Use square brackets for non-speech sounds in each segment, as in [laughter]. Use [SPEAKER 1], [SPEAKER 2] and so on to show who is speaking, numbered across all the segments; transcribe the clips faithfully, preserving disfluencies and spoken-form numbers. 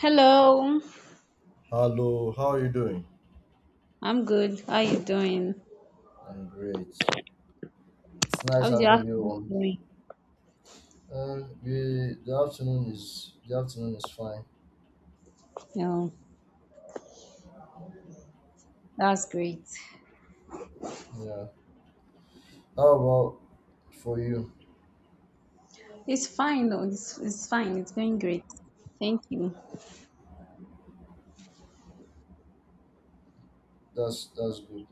[SPEAKER 1] Hello,
[SPEAKER 2] Hello, how are you doing?
[SPEAKER 1] I'm good. How you doing?
[SPEAKER 2] I'm great. It's nice
[SPEAKER 1] How's your
[SPEAKER 2] having you
[SPEAKER 1] afternoon
[SPEAKER 2] on.
[SPEAKER 1] doing?
[SPEAKER 2] Um, the, the afternoon is the afternoon is fine.
[SPEAKER 1] No, that's great.
[SPEAKER 2] Yeah. How about for you?
[SPEAKER 1] It's fine though. It's, it's fine. It's going great. Thank you.
[SPEAKER 2] That's that's good.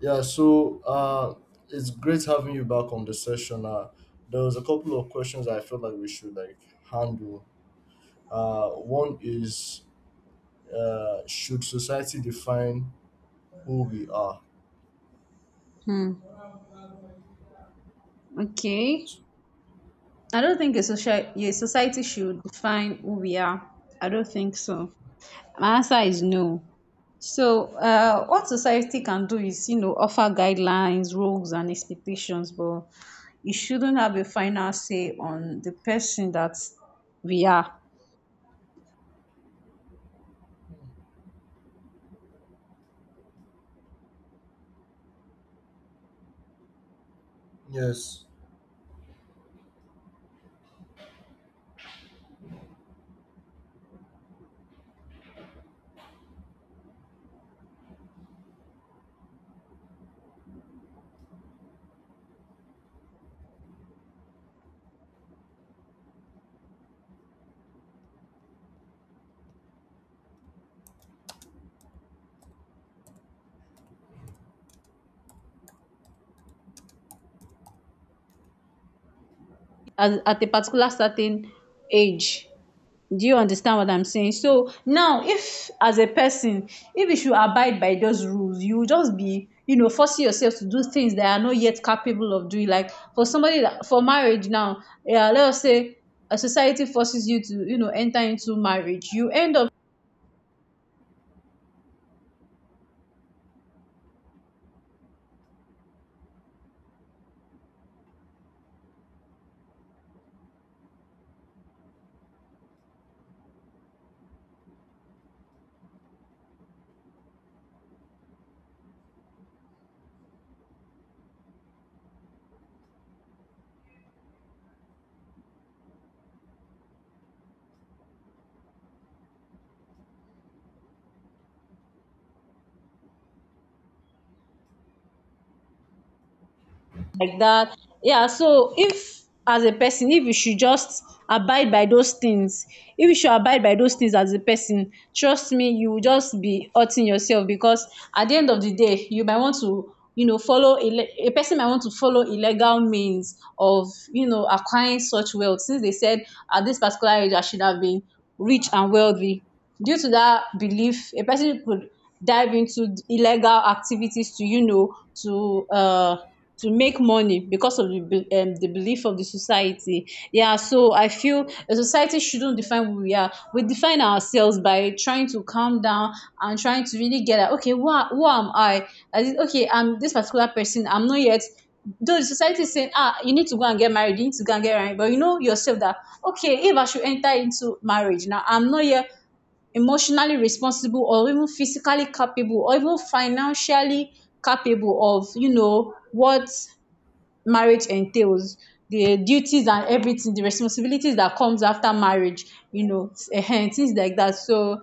[SPEAKER 2] Yeah. So uh, it's great having you back on the session. Uh, there was a couple of questions I felt like we should like handle. Uh, one is, uh, should society define who we are?
[SPEAKER 1] Hmm. Okay. I don't think a social a society should define who we are. I don't think so. My answer is no. So, uh, what society can do is, you know, offer guidelines, rules, and expectations, but it shouldn't have a final say on the person that we are.
[SPEAKER 2] Yes,
[SPEAKER 1] As at a particular certain age, do you understand what I'm saying? So now, if as a person, if you should abide by those rules, you will just be, you know, forcing yourself to do things that are not yet capable of doing, like for somebody that for marriage now, yeah, let us say a society forces you to, you know, enter into marriage, you end up like that. Yeah, so if as a person, if you should just abide by those things, if you should abide by those things as a person, trust me, you will just be hurting yourself because at the end of the day, you might want to, you know, follow ille- a person might want to follow illegal means of, you know, acquiring such wealth. Since they said at this particular age, I should have been rich and wealthy. Due to that belief, a person could dive into illegal activities to, you know, to uh to make money because of the be- um, the belief of the society. Yeah, so I feel a society shouldn't define who we are. We define ourselves by trying to calm down and trying to really get at, okay, who, are, who am I? I did- okay, I'm this particular person. I'm not yet. Though the society is saying, ah, you need to go and get married, you need to go and get married, but you know yourself that okay, if I should enter into marriage now, I'm not yet emotionally responsible or even physically capable or even financially capable of, you know, what marriage entails, the duties and everything, the responsibilities that comes after marriage, you know, ehen, things like that. So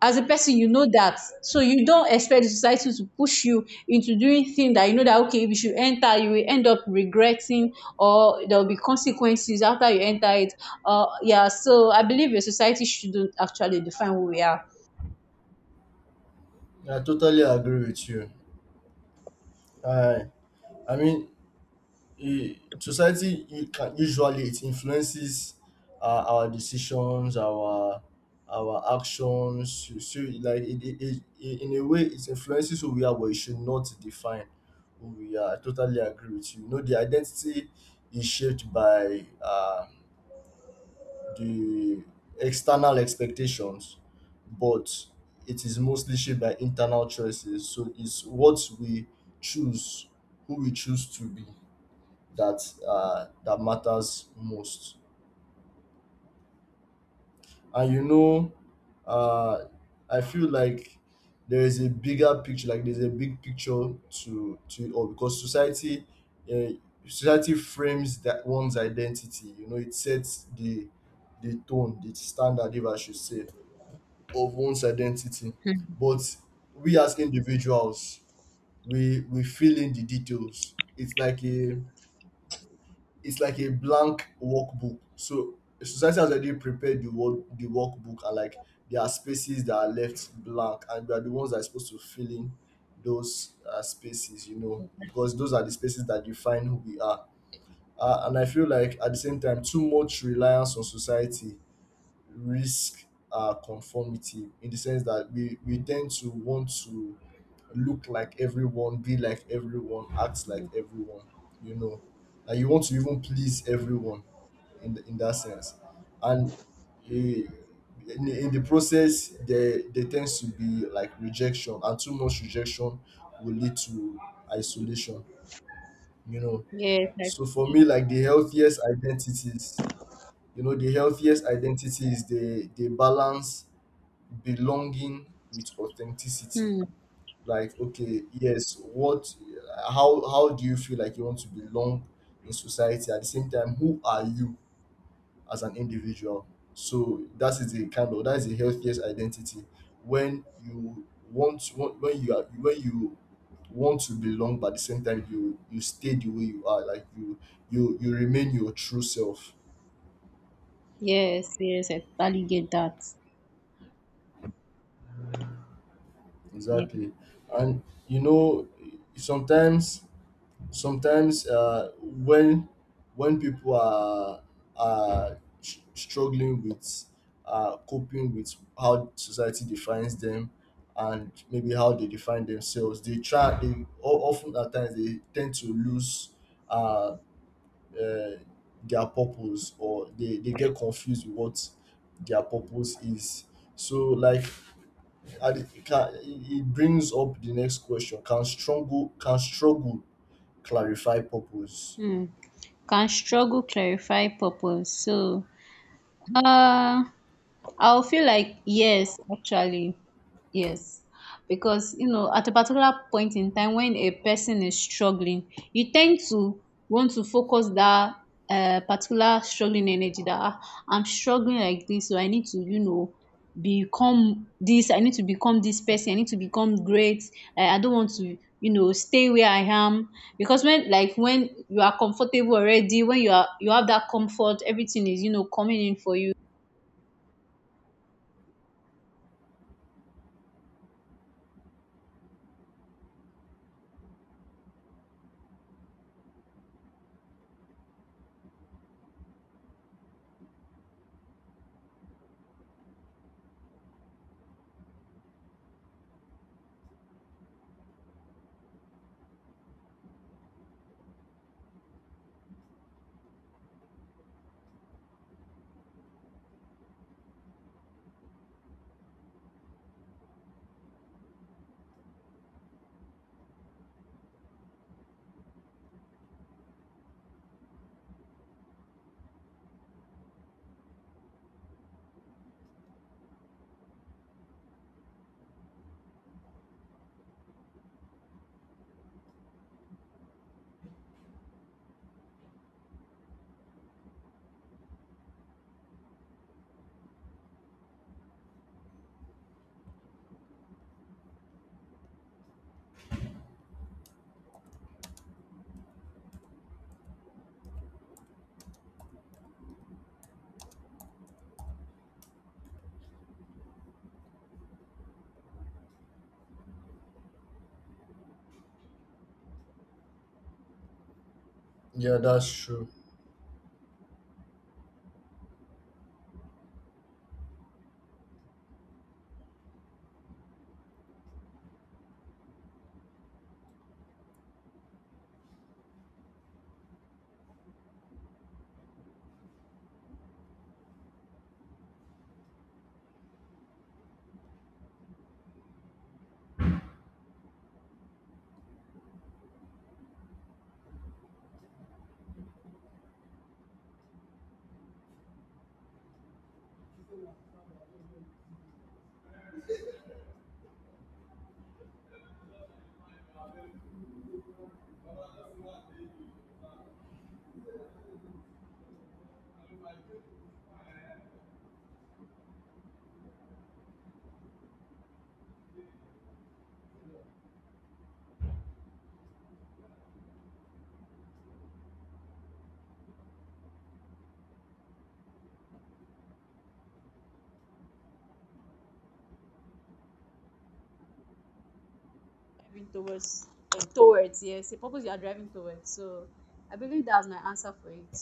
[SPEAKER 1] as a person, you know that, so you don't expect the society to push you into doing things that you know that okay, if you enter, you will end up regretting, or there will be consequences after you enter it. Uh yeah, so I believe a society shouldn't actually define who we are.
[SPEAKER 2] I totally agree with you. I I mean, eh, society, you can usually, it influences uh, our decisions, our our actions, so, so like, it, it, it, i- in a way it influences who we are, but it should not define who we are. I totally agree with you. You know the identity is shaped by uh, the external expectations, but it is mostly shaped by internal choices. So it's what we choose, who we choose to be, that uh, that matters most. And you know, uh, I feel like there is a bigger picture, like there's a big picture to to it all, because society, uh, society frames that one's identity. You know, it sets the the tone, the standard, if I should say, of one's identity. But we as individuals, we we fill in the details. It's like a it's like a blank workbook. So society has already prepared the work the workbook, and like, there are spaces that are left blank, and we are the ones that are supposed to fill in those uh, spaces, you know, because those are the spaces that define who we are. Uh, and I feel like, at the same time, too much reliance on society risk uh, conformity, in the sense that we, we tend to want to look like everyone, be like everyone, act like everyone, you know. And you want to even please everyone in, the, in that sense. And eh, in, the- in the process, there, there tends to be like rejection, and too much rejection will lead to isolation, you know.
[SPEAKER 1] Yes, I,
[SPEAKER 2] So for me, like the healthiest identities you know the healthiest identities, they they balance belonging with authenticity.
[SPEAKER 1] hmm,
[SPEAKER 2] Like, okay, yes, what, how how do you feel like you want to belong in society? At the same time, who are you as an individual? So that is the kind of that is the healthiest identity. When you want when you are when you want to belong, but at the same time you you stay the way you are, like you you you remain your true self.
[SPEAKER 1] yes, yes, I totally get that. Yeah.
[SPEAKER 2] Exactly. And you know, sometimes, sometimes uh, when when people are are s- struggling with uh, coping with how society defines them, and maybe how they define themselves, they try. They o- often, at times, they tend to lose uh, uh, their purpose, or they they get confused with what their purpose is. So like, and it it can it it brings up the next question: can struggle can struggle clarify purpose?
[SPEAKER 1] Hmm. Can struggle clarify purpose? So, uh, I'll feel like yes, actually, yes. Because, you know, at a particular point in time when a person is struggling, you tend to want to focus that uh, particular struggling energy that, "Ah, I'm struggling like this, so I need to, you know, become this, I need to become this person, I need to become great. Uh, I don't want to, you know, stay where I am. Because when, like when you are comfortable already, when you are, you have that comfort, everything is, you know, coming in for you,
[SPEAKER 2] Yeah, that's true.
[SPEAKER 1] driving towards uh, towards, yes, a purpose you are driving towards." So I believe that's my answer for it.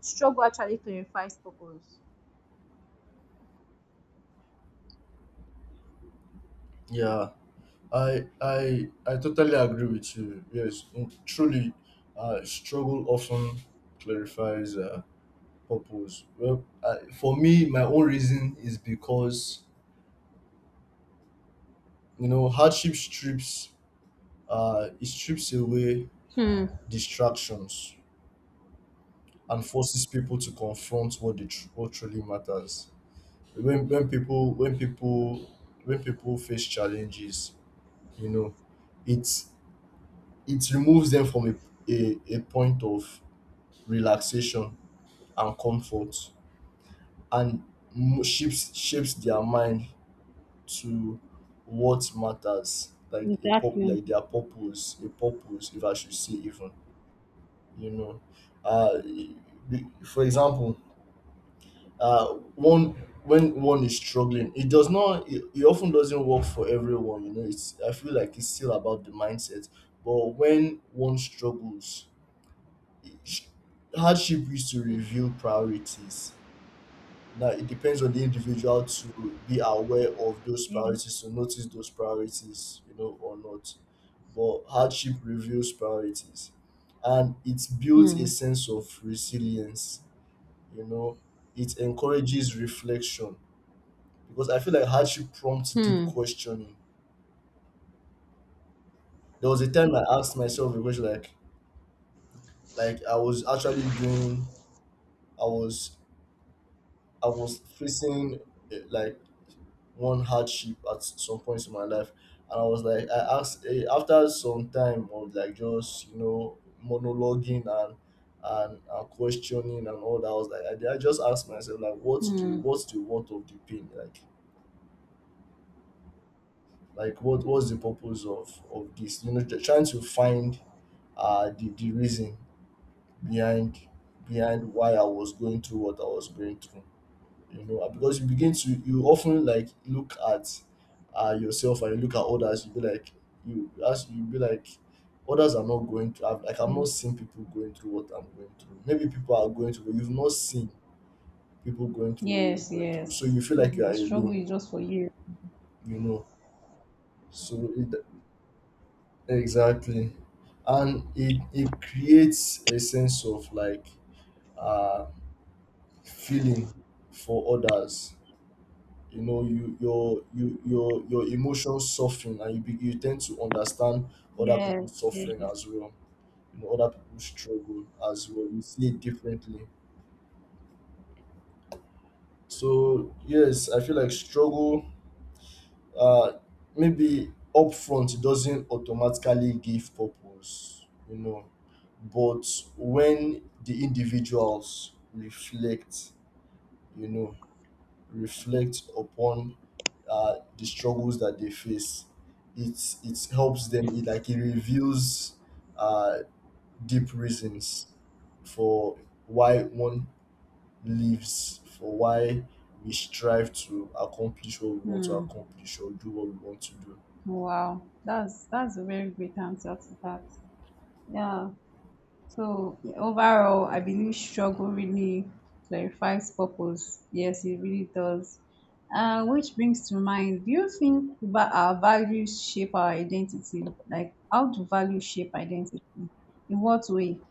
[SPEAKER 1] Struggle actually clarifies purpose.
[SPEAKER 2] Yeah. I i i totally agree with you. Yes. Mm, truly, uh, struggle often clarifies, uh, purpose. Well, I, for me, my own reason is because you know hardship strips uh, it strips away
[SPEAKER 1] Hmm.
[SPEAKER 2] distractions and forces people to confront what they tr- what truly matters. When when people when people when people face challenges, you know it it removes them from a, a, a point of relaxation and comfort, and mo- shapes shapes their mind to what matters, like a pop
[SPEAKER 1] Exactly.
[SPEAKER 2] like their purpose, a purpose, if I should say, even. you know uh e- e- for example, uh, one when one is struggling, it does not. It, it often doesn't work for everyone. You know it's i feel like it's still about the mindset. But when one struggles, it- hardship is to
[SPEAKER 1] Hmm.
[SPEAKER 2] reveal priorities. Now it depends on the individual to be aware of those
[SPEAKER 1] Yes.
[SPEAKER 2] priorities, to notice those priorities, you know or not. But hardship reveals priorities, and it builds a
[SPEAKER 1] Hmm.
[SPEAKER 2] sense of resilience. You know it encourages reflection, because I feel like hardship prompts deep
[SPEAKER 1] Hmm.
[SPEAKER 2] questioning. There was a time I asked myself a question, like, like I was actually doing, I was, I was facing, eh, like, one hardship at some points in my life. And I was like, I asked, eh, after some time of, like, just, you know monologuing and and, and questioning and all that. I was like, I, I just asked myself, like, what's the
[SPEAKER 1] Hmm.
[SPEAKER 2] what's the worth of the pain, like? Like, what what's the purpose of of this? You know, trying to find uh, the, the reason behind behind why I was going through what I was going through. You know, and because you begin to, you often like look at uh, yourself, and you look at others. You be like, you as you be like others are not going through. I've, like, I'm not seeing people going through what I'm going through. Maybe people are going through, but you've not seen people going through what you're
[SPEAKER 1] Yes.
[SPEAKER 2] going through. So
[SPEAKER 1] Yes.
[SPEAKER 2] you feel
[SPEAKER 1] Yeah.
[SPEAKER 2] like you are
[SPEAKER 1] The struggle
[SPEAKER 2] alone.
[SPEAKER 1] is just for you.
[SPEAKER 2] You know, so it, exactly, and it it creates a sense of, like, uh feeling for others. You know you your you your your emotions soften, and you be, you tend to understand other
[SPEAKER 1] Yes.
[SPEAKER 2] people's suffering
[SPEAKER 1] Yes.
[SPEAKER 2] as well. You know other people's struggle as well, you see it differently. So yes, I feel like struggle, uh maybe upfront, it doesn't automatically give purpose, you know, but when the individuals reflect you know reflect upon uh, the struggles that they face. It it helps them. It like it reveals uh, deep reasons for why one lives, for why we strive to accomplish what we want to
[SPEAKER 1] Hmm.
[SPEAKER 2] accomplish, or do what we want to do.
[SPEAKER 1] Wow. That's that's a very great answer to that. Yeah. So overall, I believe struggle really clarifies purpose. Yes, it really does. Uh, which brings to mind, do you think va- our values shape our identity? Like, how do values shape identity? In what way?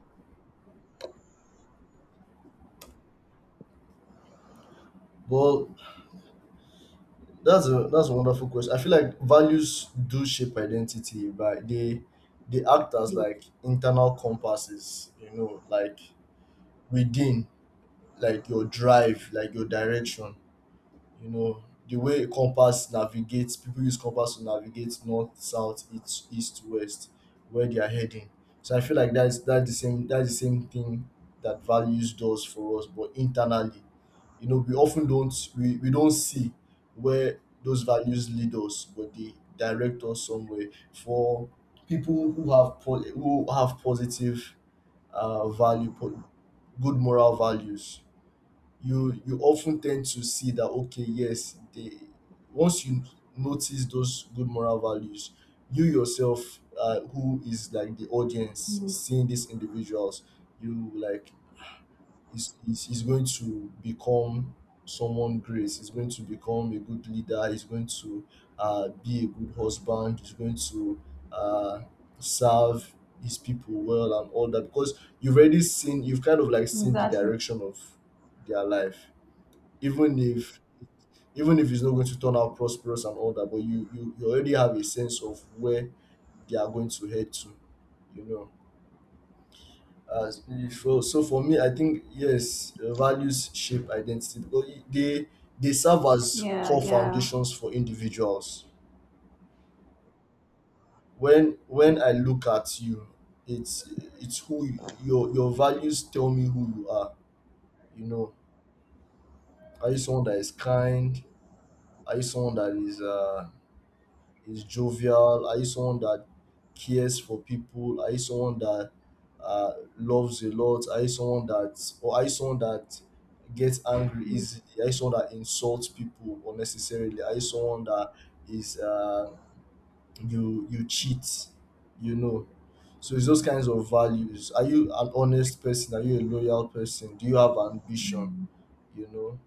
[SPEAKER 2] Well, that's a that's a wonderful question. I feel like values do shape identity, but they they act as, like, internal compasses, you know, like, within, like your drive, like your direction. You know, the way a compass navigates, people use compass to navigate north, south, east, east, west, where they are heading. So I feel like that's that's the same that's the same thing that values does for us, but internally, you know, we often don't. We, we don't see where those values lead us, but they direct us somewhere. For people who have po- who have positive uh, value, po- good moral values, you you often tend to see that, okay, yes, they— once you notice those good moral values, you yourself, uh, who is like the audience
[SPEAKER 1] Mm.
[SPEAKER 2] seeing these individuals, you like is is is going to become someone great, is going to become a good leader, is going to uh, be a good husband, is going to uh, serve his people well and all that, because you've already seen you've kind of, like, seen the
[SPEAKER 1] Exactly.
[SPEAKER 2] direction of their life, even if even if it's not going to turn out prosperous and all that, but you you, you already have a sense of where they are going to head to, you know, as so so for me, I think yes, uh, values shape identity, because it- they they serve as
[SPEAKER 1] Yeah,
[SPEAKER 2] core
[SPEAKER 1] yeah.
[SPEAKER 2] foundations for individuals. When when i look at you, it's it's who you, your your values tell me who you are. You know, are you someone that is kind? Are you someone that is uh is jovial? Are you someone that cares for people? Are you someone that uh, loves a lot? Are you someone that, or are you someone that gets angry
[SPEAKER 1] Mm.
[SPEAKER 2] easily? Are you someone that insults people unnecessarily? Are you someone that is uh, you you cheat? You know, so it's those kinds of values. Are you an honest person? Are you a loyal person? Do you have ambition? You know,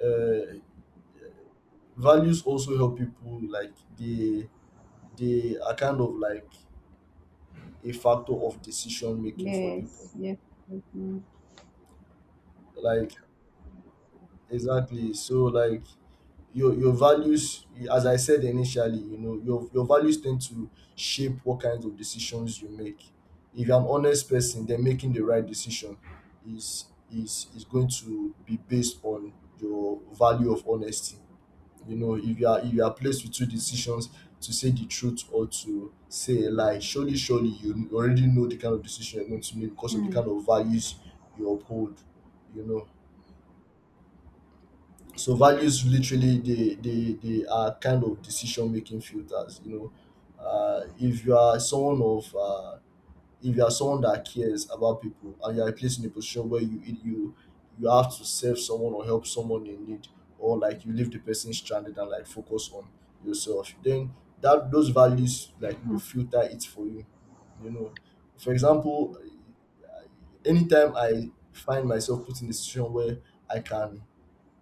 [SPEAKER 2] uh, values also help people like they they are kind of like a factor of decision making for people
[SPEAKER 1] Yes, yes. Yes, mm,
[SPEAKER 2] like exactly. So like your your values, as I said initially, you know, your your values tend to shape what kinds of decisions you make. If you're an honest person, then making the right decision is is is going to be based on your value of honesty. You know, if you are if you are placed with two decisions, to say the truth or to say a lie, surely surely you already know the kind of decision you're going to make, because of the
[SPEAKER 1] mm,
[SPEAKER 2] kind of values you uphold. You know, so values literally, they they they are kind of decision making filters. You know, uh if you are someone of uh if you are someone that cares about people and you are placed in a position where you you you have to serve someone or help someone in need, or like you leave the person stranded and like focus on yourself, then that those values like will
[SPEAKER 1] mm.
[SPEAKER 2] filter it for you. You know, for example, anytime I find myself put in a situation where I can,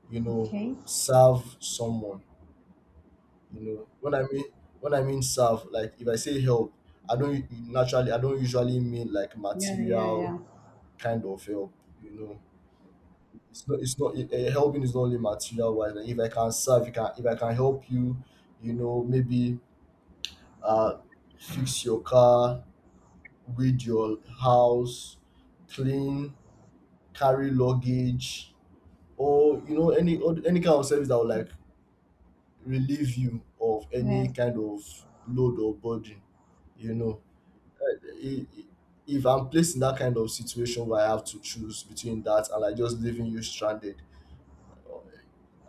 [SPEAKER 2] you know,
[SPEAKER 1] Okay.
[SPEAKER 2] serve someone. You know, when i mean when i mean serve, like if I say help, I don't u- naturally, I don't usually mean like
[SPEAKER 1] Yeah, yeah,
[SPEAKER 2] material
[SPEAKER 1] yeah.
[SPEAKER 2] kind of help. You know, it's not it's not it, eh, helping is not only material wise. Like if I can serve, you can if I can help you, you know, maybe uh fix your car, read your house, clean, carry luggage, or you know, any or any kind of service that will like relieve you of any
[SPEAKER 1] Yes,
[SPEAKER 2] kind of load or burden. You know, Eh, eh, eh, if I'm placed in that kind of situation where I have to choose between that and like just leaving you stranded,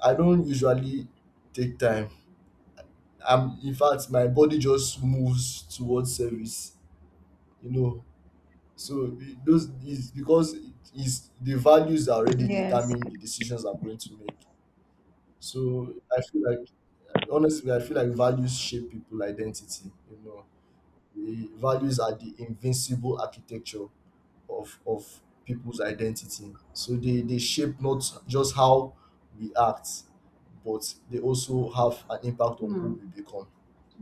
[SPEAKER 2] I don't usually take time. I'm, in fact, my body just moves towards service, you know. So it- those is because it is, the values are already
[SPEAKER 1] yes.
[SPEAKER 2] determine the decisions I'm going to make. So I feel like, honestly, I feel like values shape people identity. You know, the values are the invincible architecture of of people's identity. So they they shape not just how we act, but they also have an impact on who
[SPEAKER 1] Hmm.
[SPEAKER 2] we become.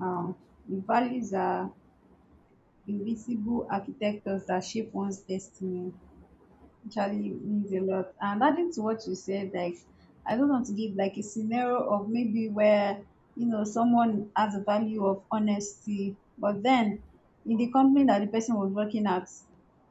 [SPEAKER 1] Um, the values are invisible architectures that shape one's destiny actually means a lot. And adding to what you said, like, I don't want to give like a scenario of maybe where, you know, someone has a value of honesty, but then in the company that the person was working at,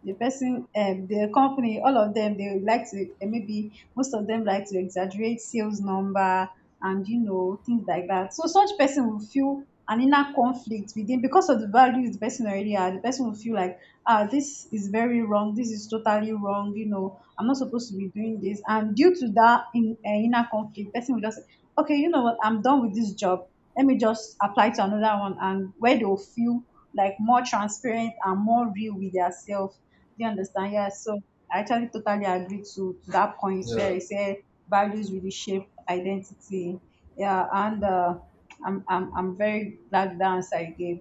[SPEAKER 1] the person um the company all of them, they would like to, eh, maybe most of them like to exaggerate sales number and you know things like that, so such person will feel an inner conflict within because of the values the person already had. The person will feel like, ah, this is very wrong, this is totally wrong, you know, I'm not supposed to be doing this. And due to that in, uh, inner conflict, person will just say, okay, you know what, I'm done with this job, let me just apply to another one, and where they will feel like more transparent and more real with yourself. Do you understand? Yeah. So I actually totally agree to, to that point where
[SPEAKER 2] Yeah.
[SPEAKER 1] I said values really shape identity. Yeah, and uh, I'm, I'm I'm very glad the answer I gave.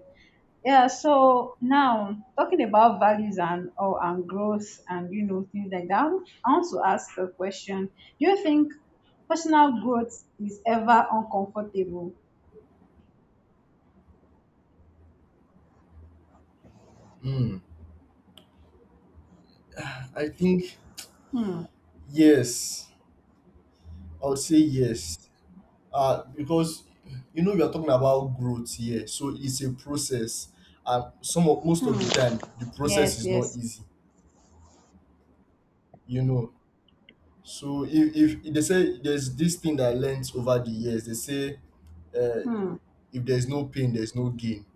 [SPEAKER 1] Yeah, so now talking about values and or and growth and, you know, things like that, I want to ask a question. Do you think personal growth is ever uncomfortable?
[SPEAKER 2] Hmm. I think
[SPEAKER 1] Hmm.
[SPEAKER 2] yes. I would say yes. Uh, because, you know, we are talking about growth here, so it's a process, and some of, most of
[SPEAKER 1] Hmm.
[SPEAKER 2] the time, the process
[SPEAKER 1] Yes.
[SPEAKER 2] is not
[SPEAKER 1] Yes.
[SPEAKER 2] easy. You know, so if if they say there's this thing that I learned over the years, they say, uh,
[SPEAKER 1] Hmm.
[SPEAKER 2] if there's no pain, there's no gain.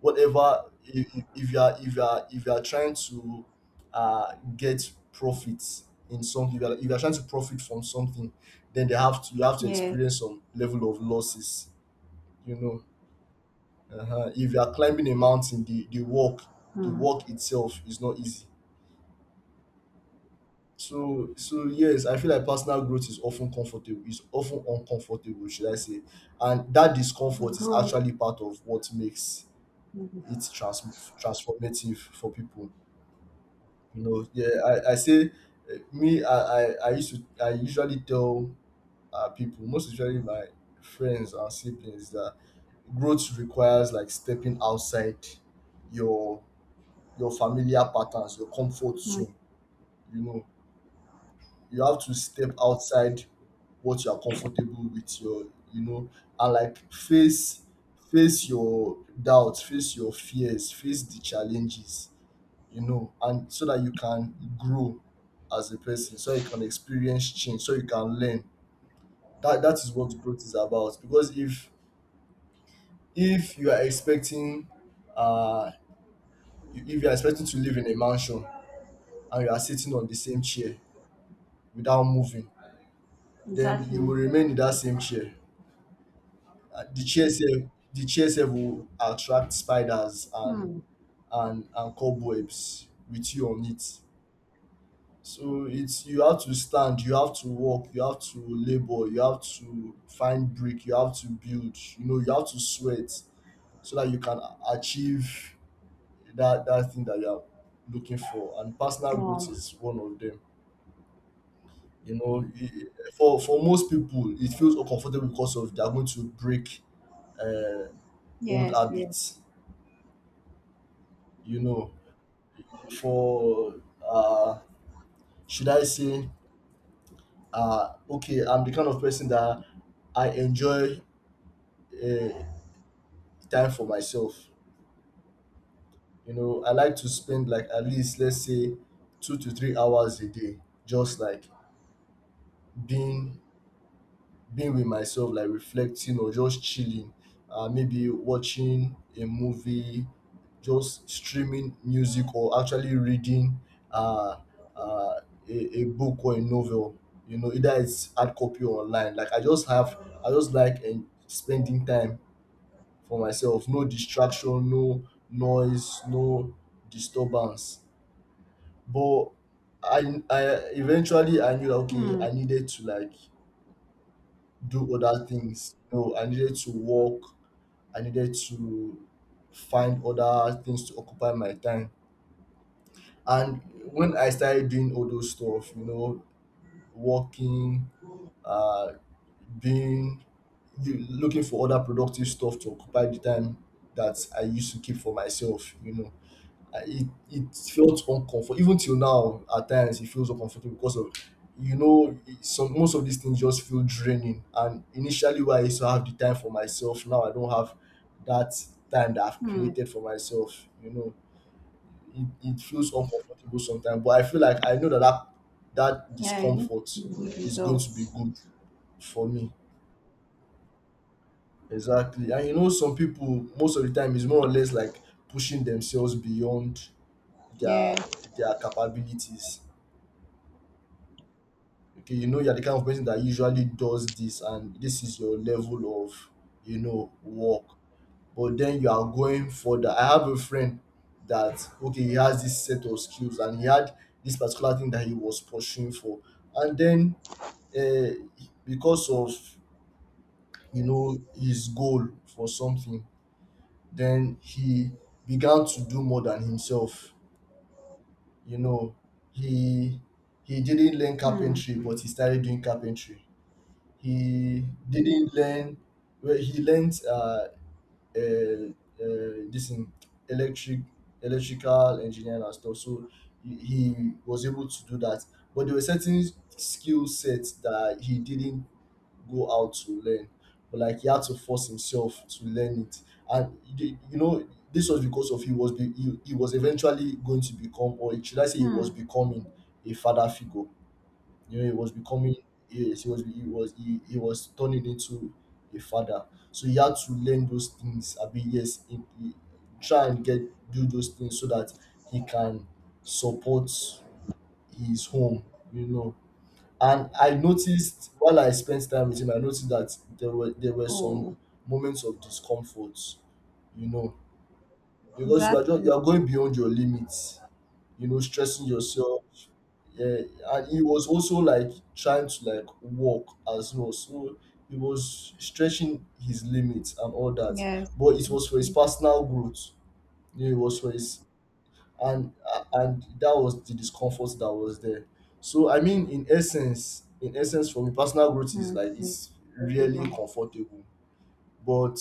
[SPEAKER 2] Whatever, if, if you are if you are if you are trying to uh, get profits in something, if you, are, if you are trying to profit from something, then they have to you have to
[SPEAKER 1] Yes.
[SPEAKER 2] experience some level of losses. You know, uh-huh. If you are climbing a mountain, the the walk the
[SPEAKER 1] Mm.
[SPEAKER 2] walk itself is not easy. So so yes, I feel like personal growth is often comfortable is often uncomfortable, should I say. And that
[SPEAKER 1] The
[SPEAKER 2] discomfort is
[SPEAKER 1] growth.
[SPEAKER 2] actually part of what makes
[SPEAKER 1] Mm.
[SPEAKER 2] it trans- transformative for people. No, yeah, I, I say, eh, me, I, I, I used to, I usually tell uh, people, most usually my friends and siblings, that growth requires like stepping outside your your familiar patterns, your comfort
[SPEAKER 1] Mm.
[SPEAKER 2] zone. You know, you have to step outside what you are comfortable with. Your, you know, and like face face your doubts, face your fears, face the challenges, you know, and so that you can grow as a person, so you can experience change, so you can learn. That that is what growth is about. Because if if you are expecting, uh if you are expecting to live in a mansion and you are sitting on the same chair without moving, then you
[SPEAKER 1] Exactly.
[SPEAKER 2] will remain in that same chair. Uh, the chair self the chair self will attract spiders and
[SPEAKER 1] Mm.
[SPEAKER 2] and and cobwebs with you on it. So it's, you have to stand, you have to work, you have to labor, you have to find brick, you have to build, you know, you have to sweat so that you can achieve that that thing that you are looking for. And personal growth
[SPEAKER 1] Oh,
[SPEAKER 2] is one of them. You know, i- i- for for most people, it feels uncomfortable because of they are going to break uh, old
[SPEAKER 1] yes, yes.
[SPEAKER 2] habits. You know, for uh, should I say, uh, okay, I'm the kind of person that I enjoy uh, time for myself. You know, I like to spend, like at least let's say, two to three hours a day, just like being being with myself, like reflecting or just chilling. Uh, maybe watching a movie, just streaming music, or actually reading uh, uh, a, a book or a novel. You know, either it's hard copy or online. Like I just have, I just like and spending time for myself, no distraction, no noise, no disturbance. But i i eventually, I knew that, okay,
[SPEAKER 1] Mm.
[SPEAKER 2] I needed to like do other things. You know, I needed to work, I needed to find other things to occupy my time. And when I started doing all those stuff, you know, working, uh being, looking for other productive stuff to occupy the time that I used to keep for myself, you know, I- it it felt uncomfortable. Even till now at times it feels uncomfortable, because of, you know, it- some, most of these things just feel draining, and initially where I used to have the time for myself, now I don't have that time that I've
[SPEAKER 1] Mm.
[SPEAKER 2] created for myself. You know, it, it feels uncomfortable sometimes, but I feel like I know that that, that
[SPEAKER 1] Yeah, it
[SPEAKER 2] discomfort
[SPEAKER 1] is good
[SPEAKER 2] is going to be
[SPEAKER 1] results.
[SPEAKER 2] good for me. Exactly. And you know, some people, most of the time is more or less like pushing themselves beyond
[SPEAKER 1] Yeah.
[SPEAKER 2] their their capabilities. Okay, you know, you're the kind of person that usually does this, and this is your level of, you know, work, but then you are going further. I have a friend that, okay, he has this set of skills and he had this particular thing that he was pursuing for, and then, uh, because of, you know, his goal for something, then he began to do more than himself. You know, he he didn't learn
[SPEAKER 1] Mm.
[SPEAKER 2] carpentry, but he started doing carpentry. He didn't learn. Well, he learned uh, uh, uh, this in electric electrical engineering and stuff. So he he was able to do that. But there were certain skill sets that he didn't go out to learn, but like he had to force himself to learn it. And the- you know, this was because of he was be, he, he was eventually going to become, or should I say he was
[SPEAKER 1] Mm.
[SPEAKER 2] becoming a father figure. You know, he was becoming, yes, he was he was he, he was turning into a father. So he had to learn those things. I mean, yes, he, he- try and get do those things so that he can support his home. You know, and I noticed while I spent time with him, I noticed that there were there were some
[SPEAKER 1] Oh,
[SPEAKER 2] moments of discomfort. You know, because you are just,
[SPEAKER 1] exactly.
[SPEAKER 2] you are going beyond your limits. You know, stressing yourself, yeah, and he was also like trying to like walk as well. So he was stretching his limits and all that.
[SPEAKER 1] Yes.
[SPEAKER 2] But it was for his
[SPEAKER 1] Mm.
[SPEAKER 2] personal growth. Yeah, it was for his, and a- and that was the discomfort that was there. So I mean, in essence, in essence for me, personal growth is
[SPEAKER 1] Mm.
[SPEAKER 2] like
[SPEAKER 1] It's
[SPEAKER 2] it's really
[SPEAKER 1] comfortable.
[SPEAKER 2] comfortable. But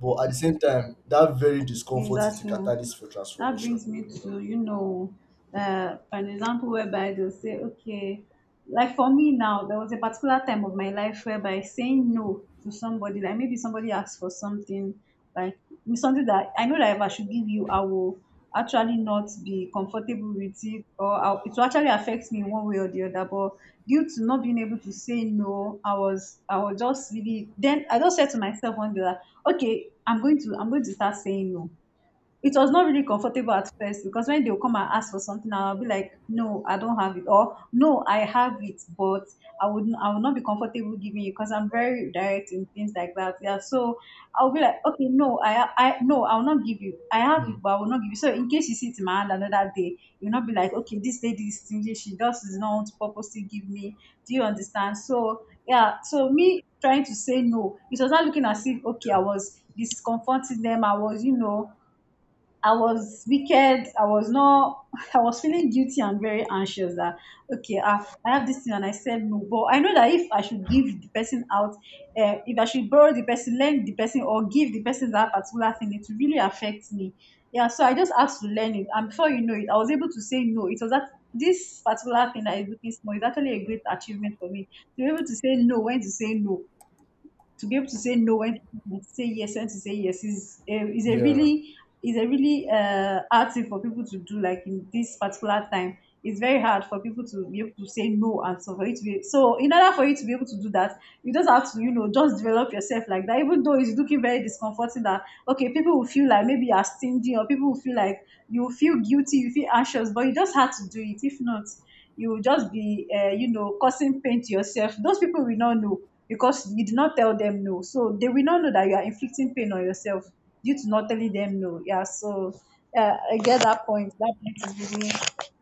[SPEAKER 2] but at the same time, that very discomfort is the
[SPEAKER 1] Exactly.
[SPEAKER 2] catalyst for
[SPEAKER 1] That
[SPEAKER 2] transformation,
[SPEAKER 1] brings me
[SPEAKER 2] you
[SPEAKER 1] to, you know, uh, an example whereby they'll say, okay, like for me now, there was a particular time of my life whereby saying no to somebody, like maybe somebody asked for something, like something that I know that if I should give you, I will actually not be comfortable with it, or I'll, it will actually affect me in one way or the other. But due to not being able to say no, I was, I was just really. Then I just said to myself one day that, okay, I'm going to, I'm going to start saying no. It was not really comfortable at first because when they'll come and ask for something, I'll be like, no, I don't have it, or no, I have it, but I would I would not be comfortable giving you because I'm very direct in things like that. Yeah, so I'll be like, okay, no, I I no, I will not give you. I have it,
[SPEAKER 2] know.
[SPEAKER 1] but I will not give you. So in case you see it in my hand another day, you'll not be like, okay, this lady is stingy. She does not want to purposely give me. Do you understand? So yeah, so me trying to say no, it was not looking as if okay, I was discomforting them. I was, you know, I was wicked. I was not. [laughs] I was feeling guilty and very anxious that okay, I, I have this thing and I said no. But I know that if I should give the person out, uh, if I should borrow the person, lend the person, or give the person that particular thing, it really affects me. Yeah, so I just had to learn it, and before you know it, I was able to say no. It was that this particular thing that is looking small is actually a great achievement for me to be able to say no, when to say no, to be able to say no, when to say yes, when to say yes is a, is
[SPEAKER 2] Hmm.
[SPEAKER 1] a
[SPEAKER 2] Yeah.
[SPEAKER 1] really, is a really uh hard thing for people to do, like in this particular time it's very hard for people to be able to say no. And so for you to be, so in order for you to be able to do that, you just have to, you know, just develop yourself like that, even though it's looking very discomforting that okay people will feel like maybe you are stingy, or people will feel like you feel guilty, you feel anxious, but you just had to do it. If not, you will just be, uh, you know, causing pain to yourself. Those people will not know because you did not tell them no. So they will not know that you are inflicting pain on yourself due to not telling them no. Yeah, so uh, I get that point. That point is really,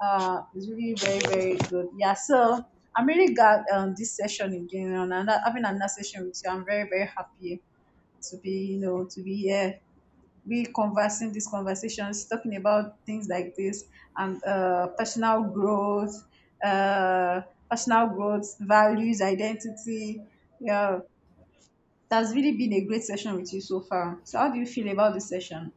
[SPEAKER 1] uh, is really very,
[SPEAKER 2] Yeah.
[SPEAKER 1] very good. Yeah, so I'm really glad um, this session again and I'm having another session with you. I'm very, very happy to be, you know, to be here, be conversing these conversations, talking about things like this and uh, personal growth, uh, personal growth, values, identity. Yeah, that's really been a great session with you so far. So, how do you feel about the session?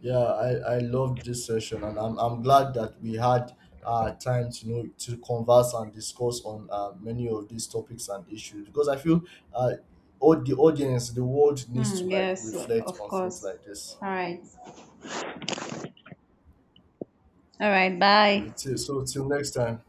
[SPEAKER 2] Yeah, I, I loved this session, and I'm, I'm glad that we had uh, time to know, to converse and discuss on uh, many of these topics and issues, because I feel uh, all the audience, the world needs
[SPEAKER 1] Hmm,
[SPEAKER 2] to like
[SPEAKER 1] yes,
[SPEAKER 2] reflect
[SPEAKER 1] of
[SPEAKER 2] on things
[SPEAKER 1] course.
[SPEAKER 2] like this.
[SPEAKER 1] All right. All right. Bye.
[SPEAKER 2] So, till so till next time,